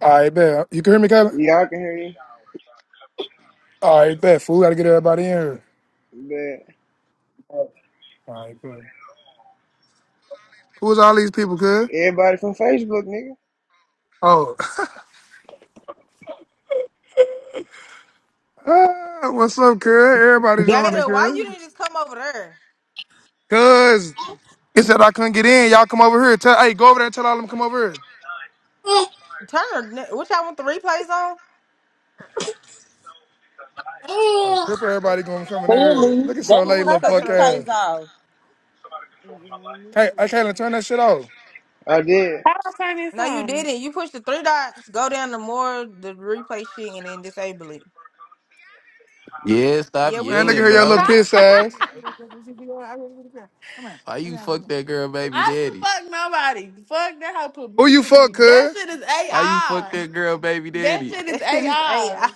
All right, bet. You can hear me, Kevin? Yeah, I can hear you. All right, bet. Fool, got to get everybody in here. But All right, bet. Who's all these people, cuz? everybody from Facebook, nigga. Oh, Ah, what's up, cuz? Everybody joining, Gator, why you didn't cuz. just come over there? Cuz, it said I couldn't get in. Y'all come over here. Tell, hey, go over there and tell all them come over here. Turn her, ne- what y'all want the replays on? Oh, Cripper, Who everybody going to come in here. Clearly, Look at so that who means late, was turn little punk the cutthroat replays case? ass. off. Hey, I can't turn that shit off. I did. How I turn this No, you on? didn't. You pushed the three dots, go down to more the replay shit, and then disable it. Yeah, stop Yeah, we Man, can look at hear yelling, her, your you. little bro. piss ass. Why you fuck that girl baby I didn't daddy? fuck nobody. Fuck that whole Who you fuck, publicity. That cuz? shit is Why you fuck AI. that girl baby That daddy? shit is That shit is AI. AI.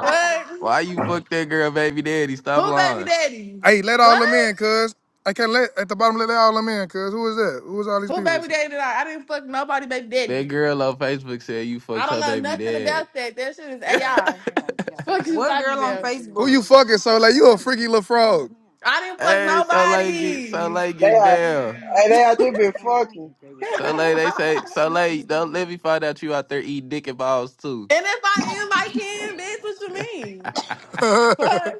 What? Why you fuck that girl baby daddy? Stop Who baby lying. daddy? Hey, let all What? them in, cuz. I can't let, at the bottom, let all them in, cuz. Who is that? Who is all these Who people? baby daddy did I? I didn't fuck nobody baby That daddy. girl on Facebook said you I fucked don't her know baby nothing dad. about that. That shit is AI. Fuck you what talking girl on about. Who Facebook? you fucking, Soleil? You a freaky little frog. I didn't fuck hey, so late get so nobody. late They get out, down. hey, they out there been fucking. So late they say so late, don't let me find out you out there eating dick and balls too. And if I am, I can. Bitch, what you mean? Fuck.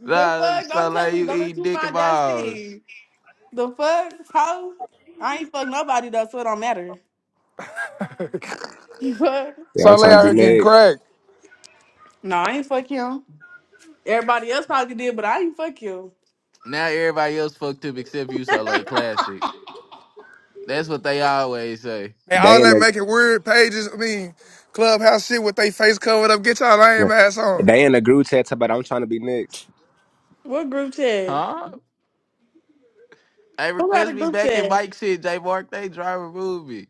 The nah, fuck? so Don't tell late me. you Don't let eat you dick and find that balls. shit. The fuck? How? I ain't fuck nobody though, so it don't matter. Fuck. Yeah, I'm Soleil trying to out be here getting next. cracked. No, I ain't fuck him. Everybody else probably did, but I ain't fuck you. Now everybody else fucked up except you, so late classic. That's what they always say. And They all in that the making weird pages, I mean, clubhouse shit with they face covered up. Get y'all lame ass on. they in the group chat but I'm trying to be next. What group chat? Huh? Hey, Who had a request me group back in chat? Mike shit. J Mark, they try to remove me.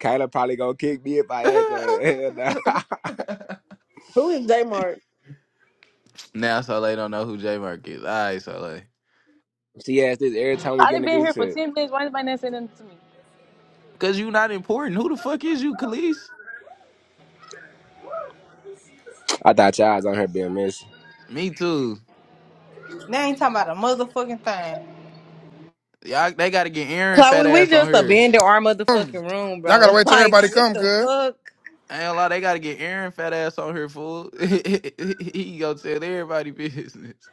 Kayla probably gonna kick me if I had to. Hell nah. Who is J Mark? now Soleil don't know who J Mark is. All right, Soleil. she asked this every time we I get in done the been group here for chat. 10 minutes. Why anybody not saying nothing to me? Because you not important. Who the fuck is you, Khalees? I thought y'all was on her being messy. Me too. They ain't talking about a motherfucking thing. Y'all, they got to get Aaron fat Chloe, we ass on just here. abandoned our motherfucking Come. room, Y'all gotta bro. wait till Like, everybody what come, the cuz. fuck? I Ain't a lot. They got to get Aaron fat ass on here, fool. he gonna tell everybody business.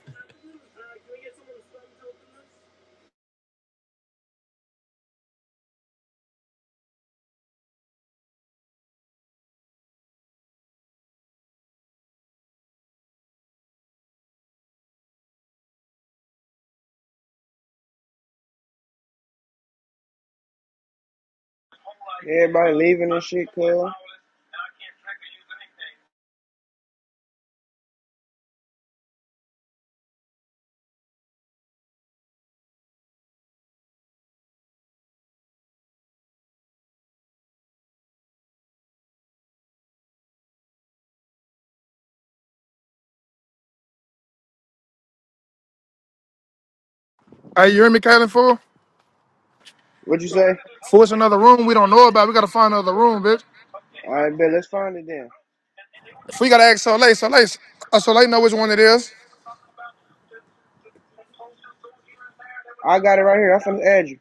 Everybody leaving and shit, cuz. Hey, you hear me, Kaylin, fool? What you say? Force another room we don't know about. We gotta find another room, bitch. All right, bet. Let's find it then. We gotta ask Soleil. Soleil, uh, Soleil know which one it is. I got it right here. I'm finna add you.